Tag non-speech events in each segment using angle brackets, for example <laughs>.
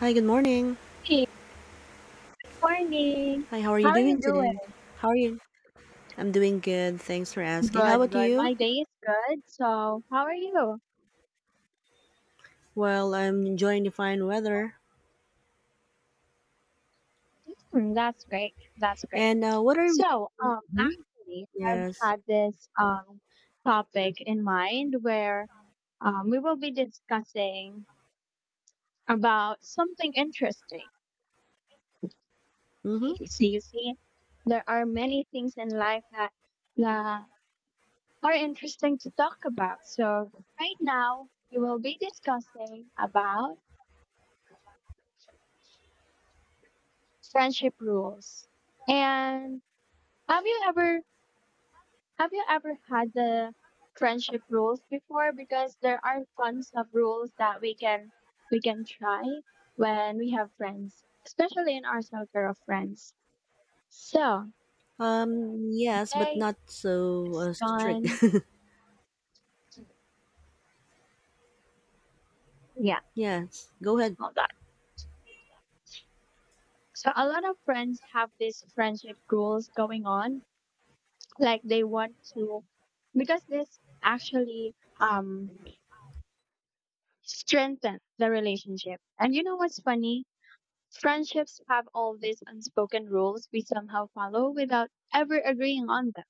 Hi, good morning. Hey, morning. Hi, how are How you are doing you today? doing? How are you? I'm doing good. Thanks for asking. How Good, about good. you? My day is good. So, how are you? Well, I'm enjoying the fine weather. Hmm, that's great. That's great. And what are we? So, um, Hmm. actually, I've Yes. had this topic in mind where we will be discussing about something interesting. Mm-hmm. <laughs> So you see, there are many things in life that are interesting to talk about. So, right now we will be discussing about friendship rules. And have you ever have you ever had the friendship rules before? Because there are tons of rules that we can try when we have friends, especially in our circle of friends. So Yes, but okay, not so it's strict. gone. Yeah, <laughs> Yes. Go ahead. hold on. So a lot of friends have these friendship rules going on. Like they want to because this actually strengthen the relationship. And you know what's funny? Friendships have all these unspoken rules we somehow follow without ever agreeing on them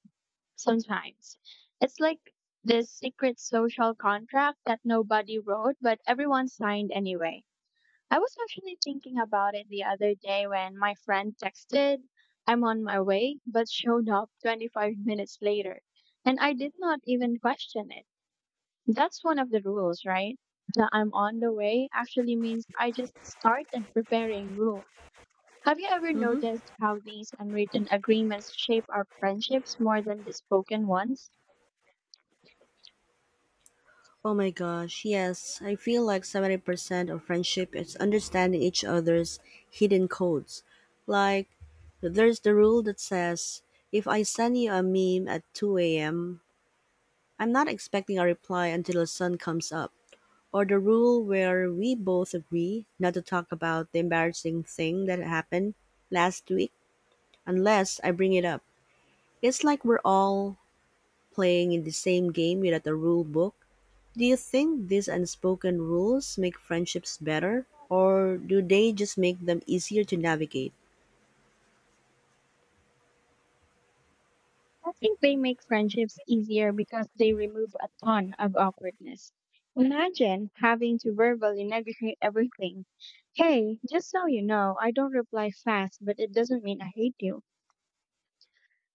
sometimes. It's like this secret social contract that nobody wrote, but everyone signed anyway. I was actually thinking about it the other day when my friend texted, I'm on my way, but showed up 25 minutes later. And I did not even question it. That's one of the rules, right? The I'm on the way actually means I just started preparing rule. Have you ever Mm-hmm. noticed how these unwritten agreements shape our friendships more than the spoken ones? Oh my gosh. Yes, I feel like 70% of friendship is understanding each other's hidden codes. Like, there's the rule that says if I send you a meme at two a.m. I'm not expecting a reply until the sun comes up, or the rule where we both agree not to talk about the embarrassing thing that happened last week unless I bring it up. It's like we're all playing in the same game without a rule book. Do you think these unspoken rules make friendships better, or do they just make them easier to navigate? I think they make friendships easier because they remove a ton of awkwardness. Imagine having to verbally negotiate everything. Hey, just so you know, I don't reply fast, but it doesn't mean I hate you.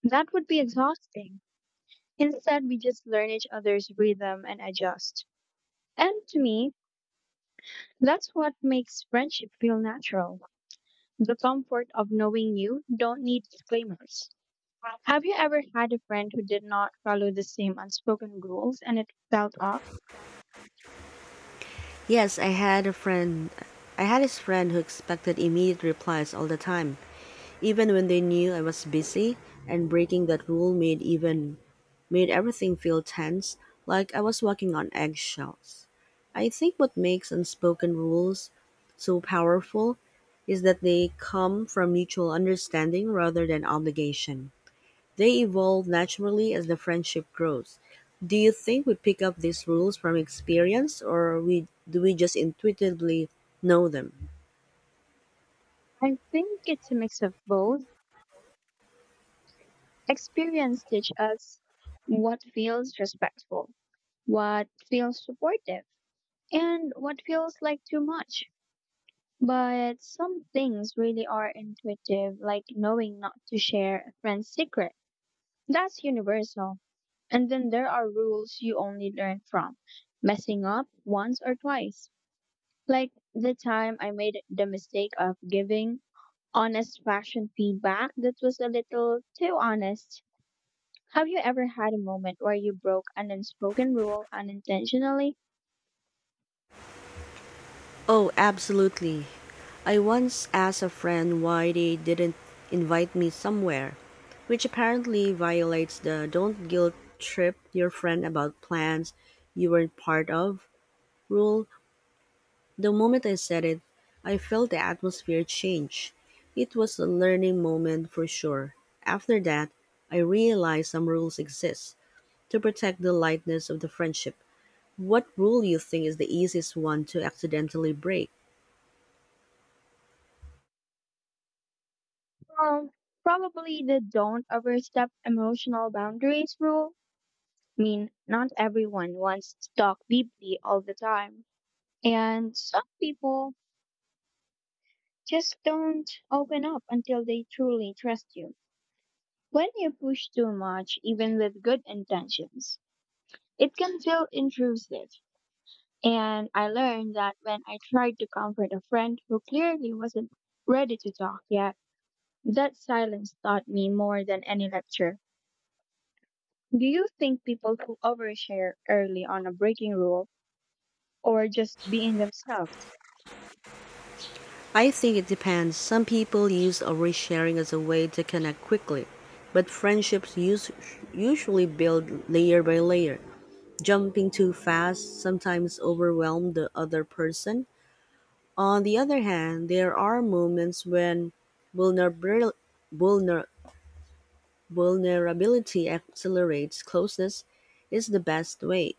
That would be exhausting. Instead, we just learn each other's rhythm and adjust. And to me, that's what makes friendship feel natural. The comfort of knowing you don't need disclaimers. Have you ever had a friend who did not follow the same unspoken rules and it felt off? Yes, I had a friend. I had this friend who expected immediate replies all the time, even when they knew I was busy, and breaking that rule made everything feel tense, like I was walking on eggshells. I think what makes unspoken rules so powerful is that they come from mutual understanding rather than obligation. They evolve naturally as the friendship grows. Do you think we pick up these rules from experience or we just intuitively know them? I think it's a mix of both. Experience teach us what feels respectful, what feels supportive, and what feels like too much. But some things really are intuitive, like knowing not to share a friend's secret. That's universal. And then there are rules you only learn from messing up once or twice. Like the time I made the mistake of giving honest fashion feedback that was a little too honest. Have you ever had a moment where you broke an unspoken rule unintentionally? Oh, absolutely. I once asked a friend why they didn't invite me somewhere, which apparently violates the don't guilt trip your friend about plans you weren't part of rule. The moment I said it, I felt the atmosphere change. It was a learning moment for sure. After that, I realized some rules exist to protect the lightness of the friendship. What rule you think is the easiest one to accidentally break? Well, probably the don't overstep emotional boundaries rule. I mean, not everyone wants to talk deeply all the time. And some people just don't open up until they truly trust you. When you push too much, even with good intentions, it can feel intrusive. And I learned that when I tried to comfort a friend who clearly wasn't ready to talk yet, that silence taught me more than any lecture. Do you think people who overshare early on a breaking rule or just being themselves? I think it depends. Some people use oversharing as a way to connect quickly, but friendships usually build layer by layer. Jumping too fast sometimes overwhelms the other person. On the other hand, there are moments when vulnerabil- vulner- vulnerability accelerates closeness is the best way.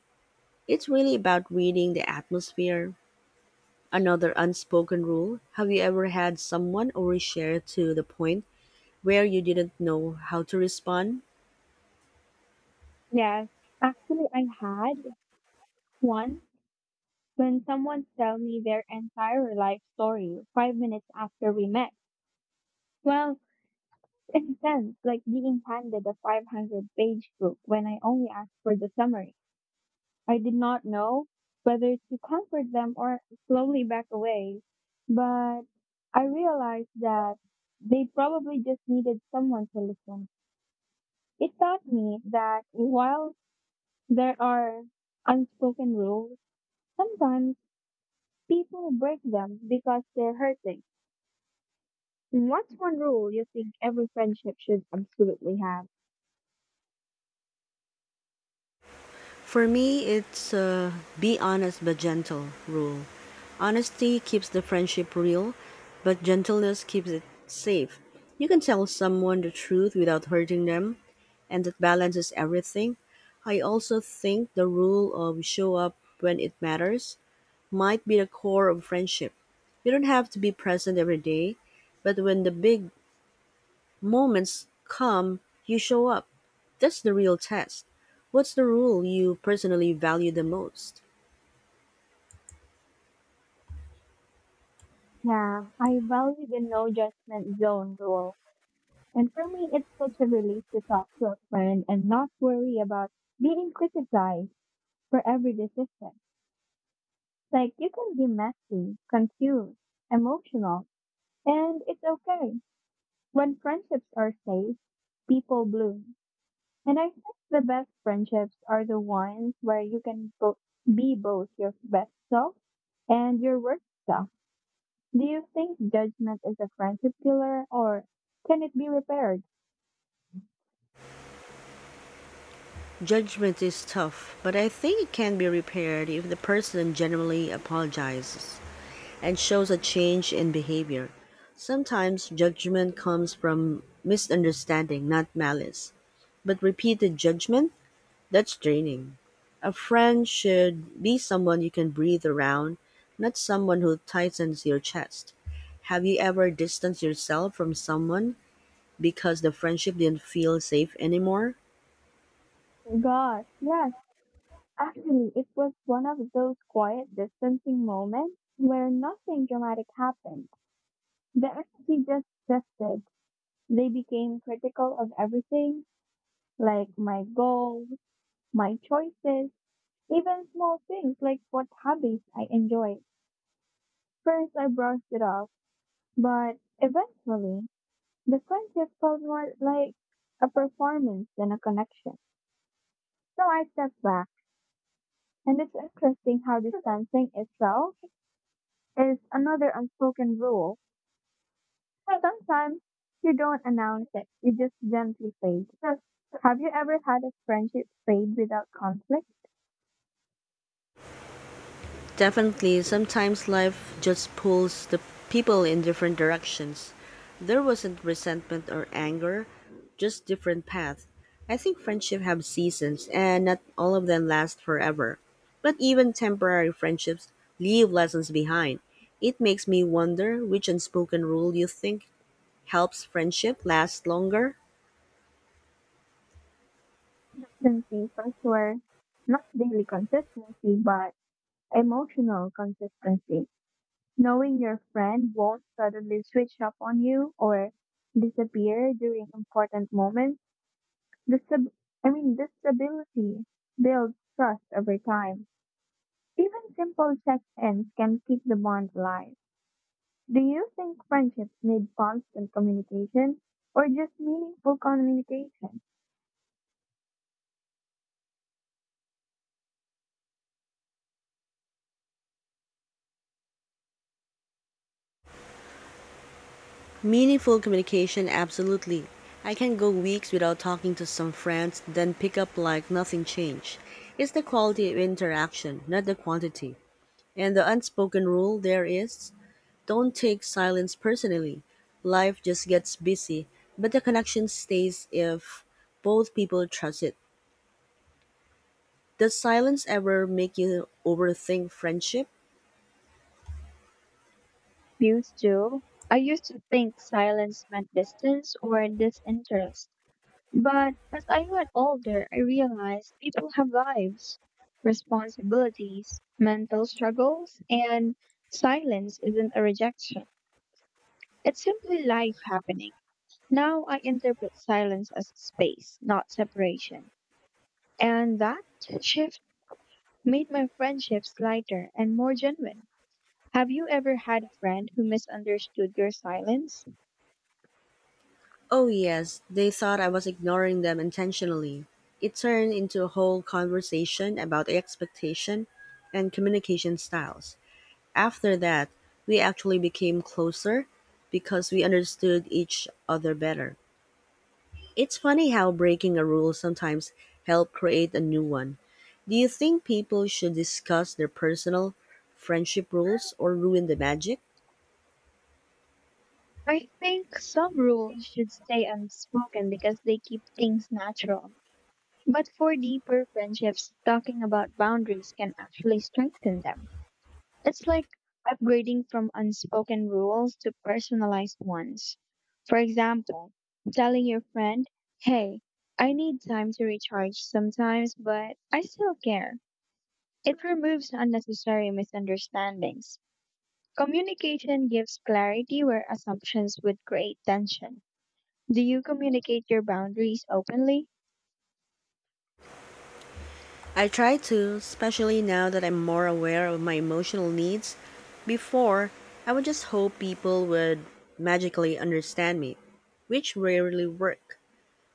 It's really about reading the atmosphere. Another unspoken rule, have you ever had someone overshare to the point where you didn't know how to respond? Yes, actually, I had one. When someone tell me their entire life story 5 minutes after we met, well, <laughs> it's intense, like being handed a 500-page book when I only asked for the summary. I did not know whether to comfort them or slowly back away, but I realized that they probably just needed someone to listen. It taught me that while there are unspoken rules, sometimes people break them because they're hurting. What's one rule you think every friendship should absolutely have? For me, it's a be honest but gentle rule. Honesty keeps the friendship real, but gentleness keeps it safe. You can tell someone the truth without hurting them, and that balances everything. I also think the rule of show up when it matters might be the core of friendship. You don't have to be present every day, but when the big moments come, you show up. That's the real test. What's the rule you personally value the most? Yeah, I value the no judgment zone rule. And for me, it's such a relief to talk to a friend and not worry about being criticized for every decision. Like, you can be messy, confused, emotional, and it's okay. When friendships are safe, people bloom. And I think the best friendships are the ones where you can be both your best self and your worst self. Do you think judgment is a friendship killer or can it be repaired? Judgment is tough, but I think it can be repaired if the person genuinely apologizes and shows a change in behavior. Sometimes judgment comes from misunderstanding, not malice. But repeated judgment, that's draining. A friend should be someone you can breathe around, not someone who tightens your chest. Have you ever distanced yourself from someone because the friendship didn't feel safe anymore? God, yes. Actually, it was one of those quiet distancing moments where nothing dramatic happened. The energy just shifted. They became critical of everything, like my goals, my choices, even small things like what hobbies I enjoy. First, I brushed it off, but eventually, the friendship felt more like a performance than a connection. So I stepped back, and it's interesting how distancing itself is another unspoken rule. Sometimes you don't announce it, you just gently fade. Have you ever had a friendship fade without conflict? Definitely, sometimes life just pulls the people in different directions. There wasn't resentment or anger, just different paths. I think friendship have seasons and not all of them last forever. But even temporary friendships leave lessons behind. It makes me wonder, which unspoken rule you think helps friendship last longer? Consistency, for sure. Not daily consistency, but emotional consistency. Knowing your friend won't suddenly switch up on you or disappear during important moments. This stab- this stability builds trust over time. Even simple check-ins can keep the bond alive. Do you think friendships need constant communication or just meaningful communication? Meaningful communication, absolutely. I can go weeks without talking to some friends, then pick up like nothing changed. It's the quality of interaction, not the quantity. And the unspoken rule there is don't take silence personally. Life just gets busy, but the connection stays if both people trust it. Does silence ever make you overthink friendship? Used to. I used to think silence meant distance or disinterest. But as I got older, I realized people have lives, responsibilities, mental struggles, and silence isn't a rejection. It's simply life happening. Now I interpret silence as space, not separation. And that shift made my friendships lighter and more genuine. Have you ever had a friend who misunderstood your silence? Oh, yes, they thought I was ignoring them intentionally. It turned into a whole conversation about expectation and communication styles. After that, we actually became closer because we understood each other better. It's funny how breaking a rule sometimes help create a new one. Do you think people should discuss their personal friendship rules or ruin the magic? I think some rules should stay unspoken because they keep things natural. But for deeper friendships, talking about boundaries can actually strengthen them. It's like upgrading from unspoken rules to personalized ones. For example, telling your friend, hey, I need time to recharge sometimes, but I still care. It removes unnecessary misunderstandings. Communication gives clarity where assumptions would create tension. Do you communicate your boundaries openly? I try to, especially now that I'm more aware of my emotional needs. Before, I would just hope people would magically understand me, which rarely work.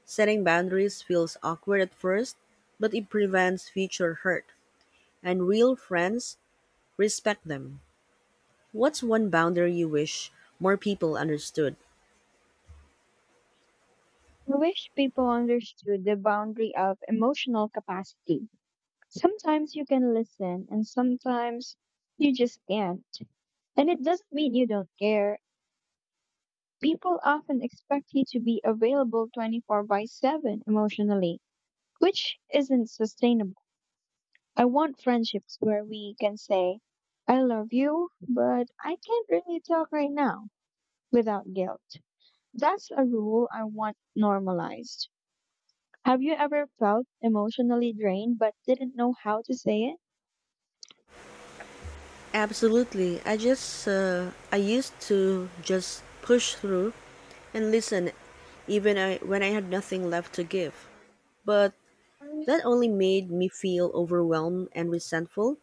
Setting boundaries feels awkward at first, but it prevents future hurt, and real friends respect them. What's one boundary you wish more people understood? I wish people understood the boundary of emotional capacity. Sometimes you can listen and sometimes you just can't. And it doesn't mean you don't care. People often expect you to be available 24 by 7 emotionally, which isn't sustainable. I want friendships where we can say, I love you, but I can't really talk right now without guilt. That's a rule I want normalized. Have you ever felt emotionally drained but didn't know how to say it? Absolutely. I used to just push through and listen even I, when I had nothing left to give. But that only made me feel overwhelmed and resentful.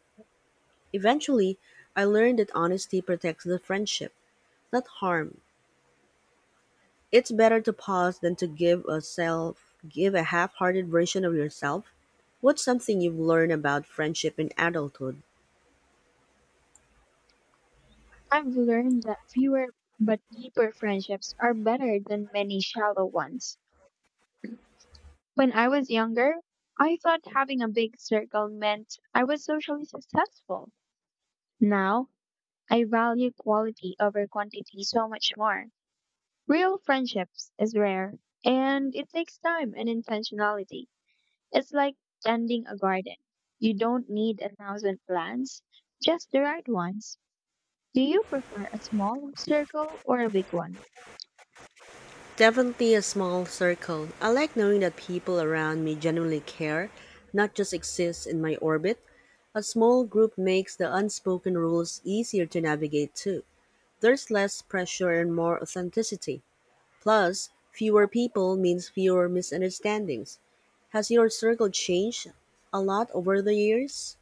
Eventually, I learned that honesty protects the friendship, not harm. It's better to pause than to give a half-hearted version of yourself. What's something you've learned about friendship in adulthood? I've learned that fewer but deeper friendships are better than many shallow ones. When I was younger, I thought having a big circle meant I was socially successful. Now, I value quality over quantity so much more. Real friendships is rare, and it takes time and intentionality. It's like tending a garden. You don't need a thousand plants, just the right ones. Do you prefer a small circle or a big one? Definitely a small circle. I like knowing that people around me genuinely care, not just exist in my orbit. A small group makes the unspoken rules easier to navigate too. There's less pressure and more authenticity. Plus, fewer people means fewer misunderstandings. Has your circle changed a lot over the years?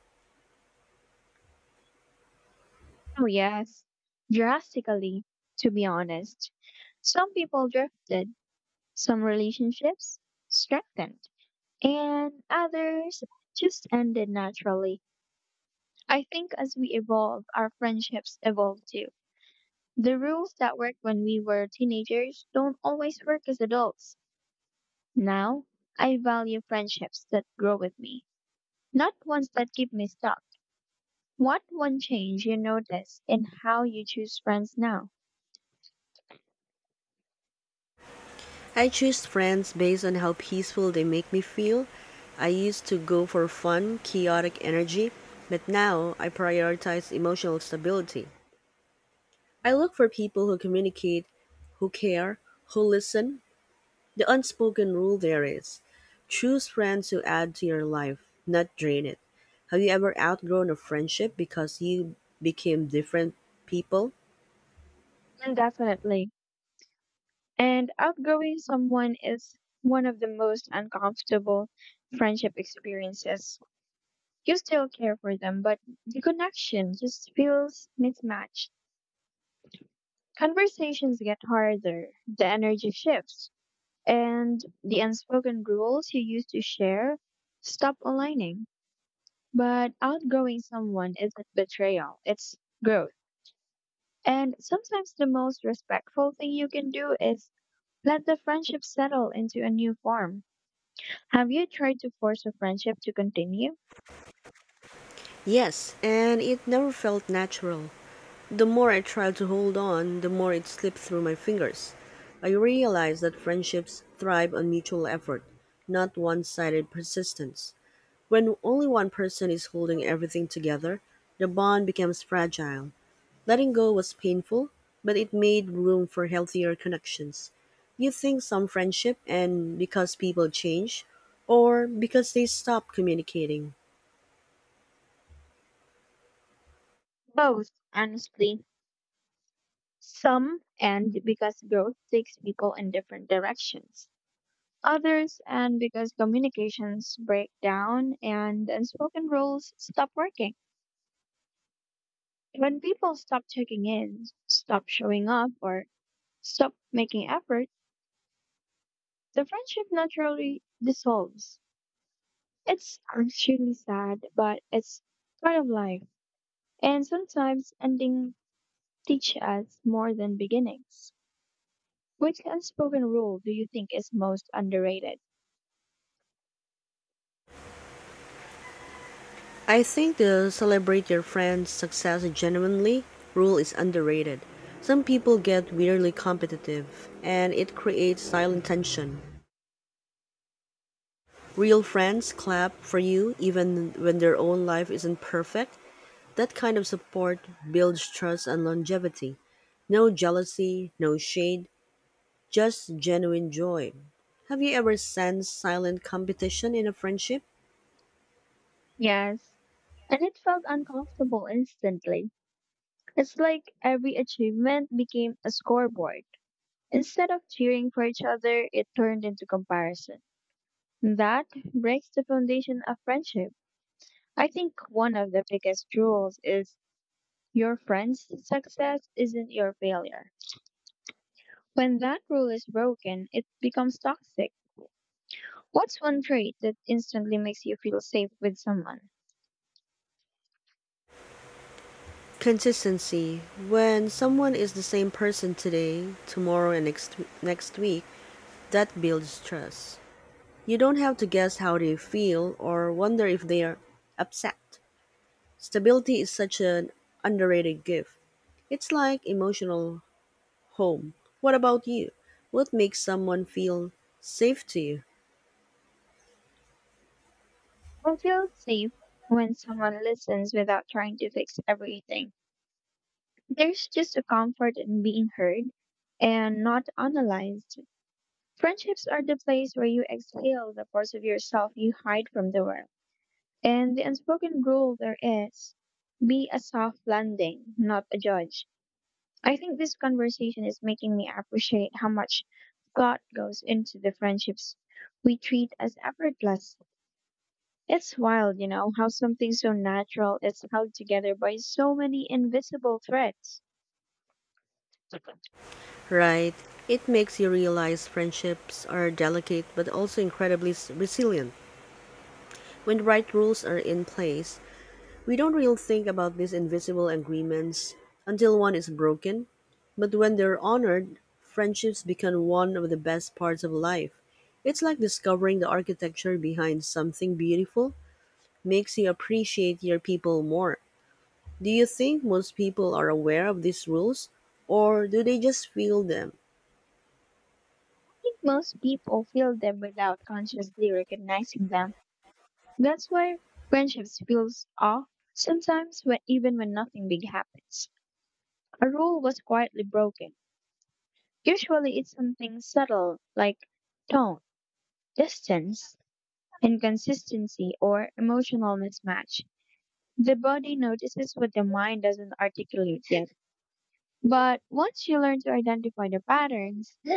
Oh, yes, drastically, to be honest. Some people drifted, some relationships strengthened, and others just ended naturally. I think as we evolve, our friendships evolve too. The rules that worked when we were teenagers don't always work as adults. Now, I value friendships that grow with me, not ones that keep me stuck. What one change you notice in how you choose friends now? I choose friends based on how peaceful they make me feel. I used to go for fun, chaotic energy, but now I prioritize emotional stability. I look for people who communicate, who care, who listen. The unspoken rule there is, choose friends who add to your life, not drain it. Have you ever outgrown a friendship because you became different people? Definitely. And outgrowing someone is one of the most uncomfortable friendship experiences. You still care for them, but the connection just feels mismatched. Conversations get harder, the energy shifts, and the unspoken rules you used to share stop aligning. But outgrowing someone isn't betrayal, it's growth. And sometimes the most respectful thing you can do is let the friendship settle into a new form. Have you tried to force a friendship to continue? Yes, and it never felt natural. The more I tried to hold on, the more it slipped through my fingers. I realized that friendships thrive on mutual effort, not one sided persistence. When only one person is holding everything together, the bond becomes fragile. Letting go was painful, but it made room for healthier connections. You think some friendship and because people change or because they stop communicating. Both, honestly. Some end because growth takes people in different directions. Others end because communications break down and unspoken rules stop working. When people stop checking in, stop showing up, or stop making effort, the friendship naturally dissolves. It's actually sad, but it's part of life. And sometimes ending teach us more than beginnings. Which unspoken rule do you think is most underrated? I think the celebrate your friend's success genuinely rule is underrated. Some people get weirdly competitive and it creates silent tension. Real friends clap for you even when their own life isn't perfect. That kind of support builds trust and longevity. No jealousy, no shade, just genuine joy. Have you ever sensed silent competition in a friendship? Yes, and it felt uncomfortable instantly. It's like every achievement became a scoreboard. Instead of cheering for each other, it turned into comparison. That breaks the foundation of friendship. I think one of the biggest rules is your friend's success isn't your failure. When that rule is broken, it becomes toxic. What's one trait that instantly makes you feel safe with someone? Consistency. When someone is the same person today, tomorrow, and next week, that builds trust. You don't have to guess how they feel or wonder if they are upset. Stability is such an underrated gift. It's like emotional home. What about you? What makes someone feel safe to you? I feel safe when someone listens without trying to fix everything. There's just a comfort in being heard and not analyzed. Friendships are the place where you exhale the parts of yourself you hide from the world. And the unspoken rule there is be a soft landing, not a judge. I think this conversation is making me appreciate how much thought goes into the friendships we treat as effortless. It's wild, you know, how something so natural is held together by so many invisible threads. Right? It makes you realize friendships are delicate but also incredibly resilient. When the right rules are in place, we don't really think about these invisible agreements until one is broken. But when they're honored, friendships become one of the best parts of life. It's like discovering the architecture behind something beautiful makes you appreciate your people more. Do you think most people are aware of these rules, or do they just feel them? I think most people feel them without consciously recognizing them. That's why friendships feels off sometimes when even when nothing big happens. A rule was quietly broken. Usually it's something subtle like tone, distance, inconsistency, or emotional mismatch. The body notices what the mind doesn't articulate yet. But once you learn to identify the patterns, <laughs> <gasps>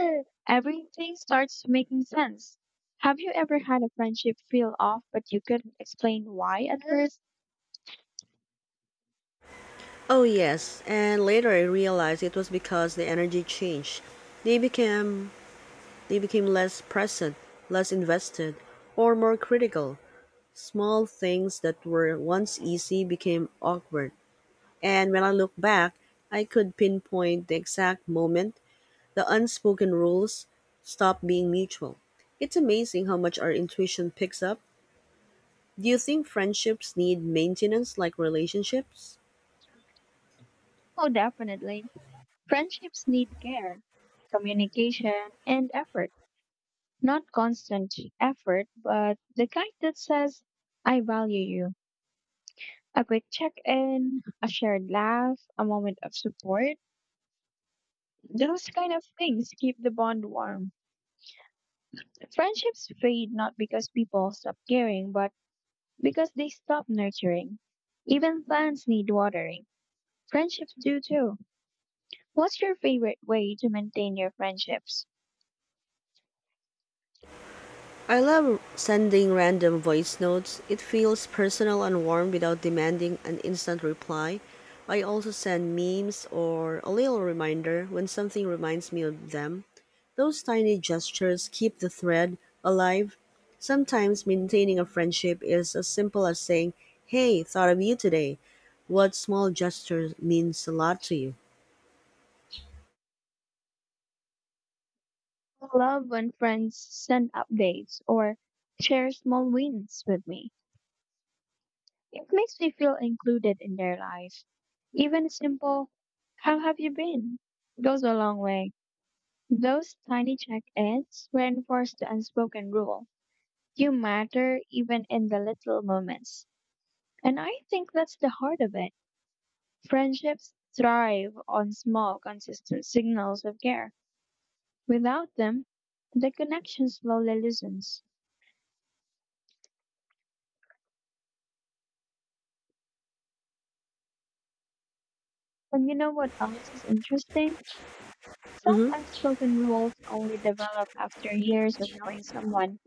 everything starts making sense. Have you ever had a friendship feel off but you couldn't explain why at first? Oh, yes, and later I realized it was because the energy changed. They became, they became less present, less invested, or more critical. Small things that were once easy became awkward. And when I look back, I could pinpoint the exact moment the unspoken rules stop being mutual. It's amazing how much our intuition picks up. Do you think friendships need maintenance like relationships? Oh, definitely. Friendships need care, communication, and effort. Not constant effort, but the kind that says, I value you. A quick check in, a shared laugh, a moment of support. Those kind of things keep the bond warm. Friendships fade not because people stop caring, but because they stop nurturing. Even plants need watering. Friendships do too. What's your favorite way to maintain your friendships? I love sending random voice notes. It feels personal and warm without demanding an instant reply. I also send memes or a little reminder when something reminds me of them. Those tiny gestures keep the thread alive. Sometimes maintaining a friendship is as simple as saying, hey, thought of you today. What small gesture means a lot to you? I love when friends send updates or share small wins with me. It makes me feel included in their life. Even simple, how have you been? Goes a long way. Those tiny check-ins reinforce the unspoken rule. You matter even in the little moments. And I think that's the heart of it. Friendships thrive on small, consistent signals of care. Without them, the connection slowly loosens. And you know what else is interesting? Some Hmm. unspoken rules only develop after years of knowing someone.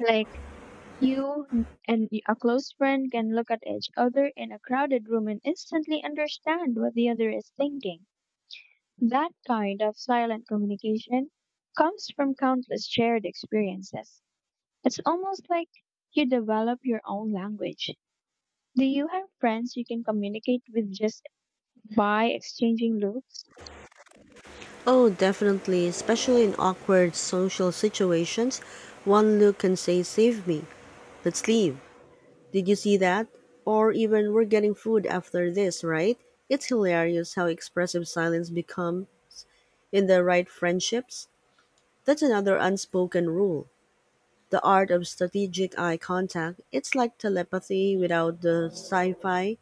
Like you n- and y- a close friend can look at each other in a crowded room and instantly understand what the other is thinking. That kind of silent communication comes from countless shared experiences. It's almost like you develop your own language. Do you have friends you can communicate with just by exchanging looks? Oh, definitely, especially in awkward social situations. One look can say, save me. Let's leave. Did you see that? Or even, we're getting food after this, right? It's hilarious how expressive silence become in the right friendships. That's another unspoken rule, the art of strategic eye contact. It's like telepathy without the sci fi.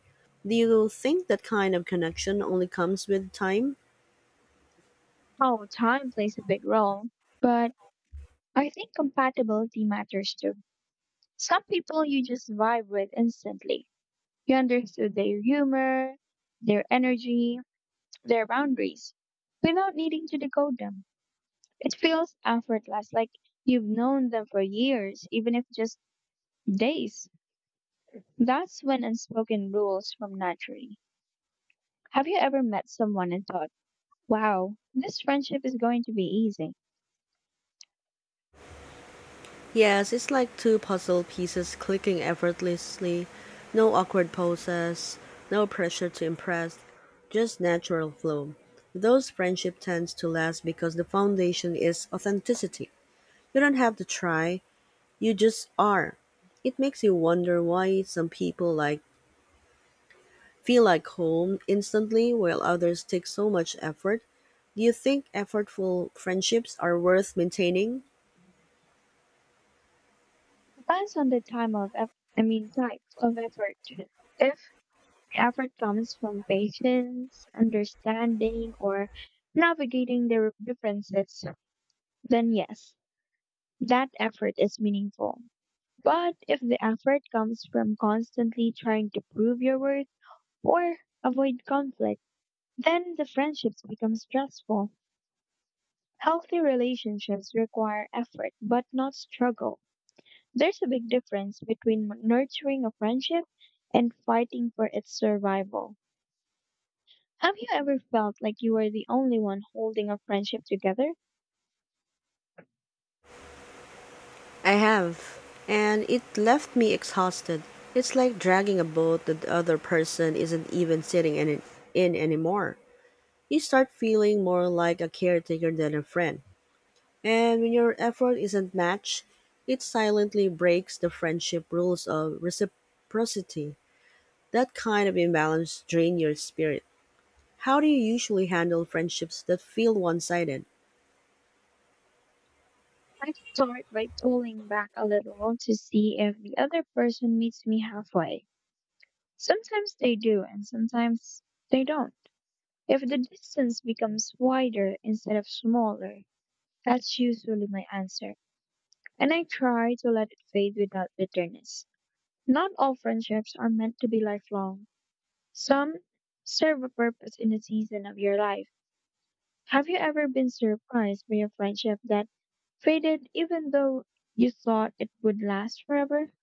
Do you think that kind of connection only comes with time? Oh, time plays a big role, but I think compatibility matters too. Some people you just vibe with instantly. You understood their humor, their energy, their boundaries without needing to decode them. It feels effortless, like you've known them for years, even if just days. That's when unspoken rules form naturally. Have you ever met someone and thought, wow, this friendship is going to be easy? Yes, it's like two puzzle pieces clicking effortlessly. No awkward poses, no pressure to impress, just natural flow. Those friendship tends to last because the foundation is authenticity. You don't have to try, you just are. It makes you wonder why some people like feel like home instantly while others take so much effort. Do you think effortful friendships are worth maintaining? Depends on the time of, eff- I mean, type of effort. If the effort comes from patience, understanding, or navigating their differences, then yes, that effort is meaningful. But if the effort comes from constantly trying to prove your worth or avoid conflict, then the friendships become stressful. Healthy relationships require effort but not struggle. There's a big difference between nurturing a friendship and fighting for its survival. Have you ever felt like you were the only one holding a friendship together? I have, and it left me exhausted. It's like dragging a boat that the other person isn't even sitting in anymore. You start feeling more like a caretaker than a friend. And when your effort isn't matched, it silently breaks the friendship rules of reciprocity. That kind of imbalance drains your spirit. How do you usually handle friendships that feel one sided? I start by pulling back a little to see if the other person meets me halfway. Sometimes they do, and sometimes they don't. If the distance becomes wider instead of smaller, that's usually my answer, and I try to let it fade without bitterness. Not all friendships are meant to be lifelong, some serve a purpose in a season of your life. Have you ever been surprised by a friendship that faded even though you thought it would last forever?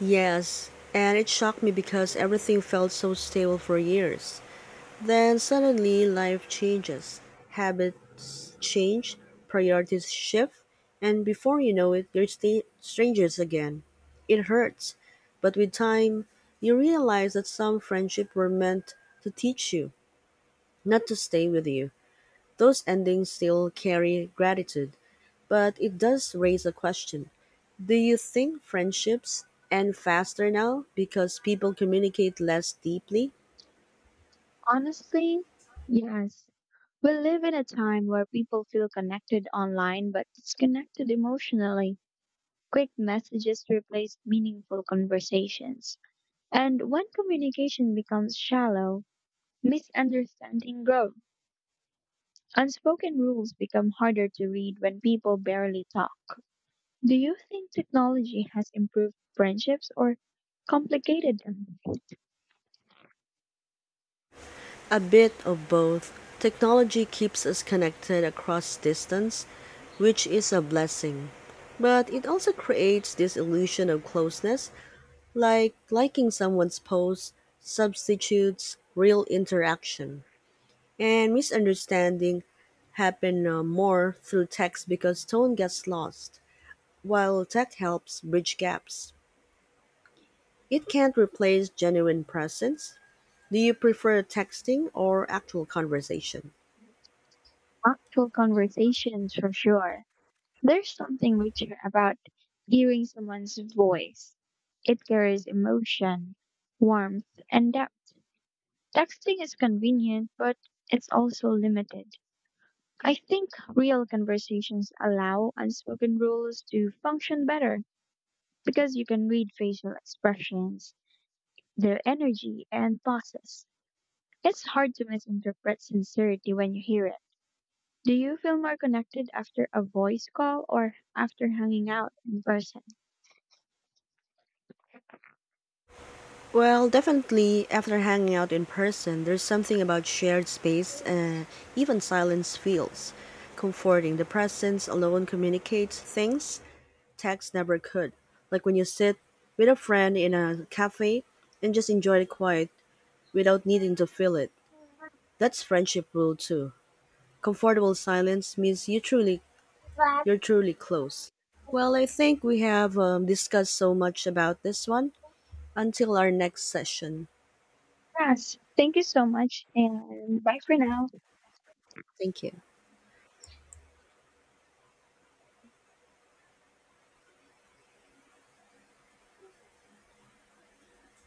Yes, and it shocked me because everything felt so stable for years. Then suddenly life changes, habits change, priorities shift, and before you know it, you're strangers again. It hurts, but with time, you realize that some friendships were meant to teach you, not to stay with you. Those endings still carry gratitude, but it does raise a question. Do you think friendships end faster now because people communicate less deeply? Honestly, yes. We live in a time where people feel connected online but disconnected emotionally. Quick messages replace meaningful conversations. And when communication becomes shallow, misunderstanding grow. Unspoken rules become harder to read when people barely talk. Do you think technology has improved friendships or complicated them? A bit of both. Technology keeps us connected across distance, which is a blessing. But it also creates this illusion of closeness, like liking someone's post substitutes real interaction. And misunderstanding happen more through text because tone gets lost, while tech helps bridge gaps. It can't replace genuine presence. Do you prefer texting or actual conversation? Actual conversations for sure. There's something richer about hearing someone's voice. It carries emotion, warmth, and depth. Texting is convenient, but it's also limited. I think real conversations allow unspoken rules to function better because you can read facial expressions, their energy, and pauses. It's hard to misinterpret sincerity when you hear it. Do you feel more connected after a voice call or after hanging out in person? Well, definitely after hanging out in person, there's something about shared space and even silence feels comforting. The presence alone communicates things text never could. Like when you sit with a friend in a cafe and just enjoy the quiet without needing to fill it. That's friendship rule too. Comfortable silence means you truly. You're truly close. Well, I think we have discussed so much about this one. Until our next session, Yes, thank you so much, and bye for now. thank you.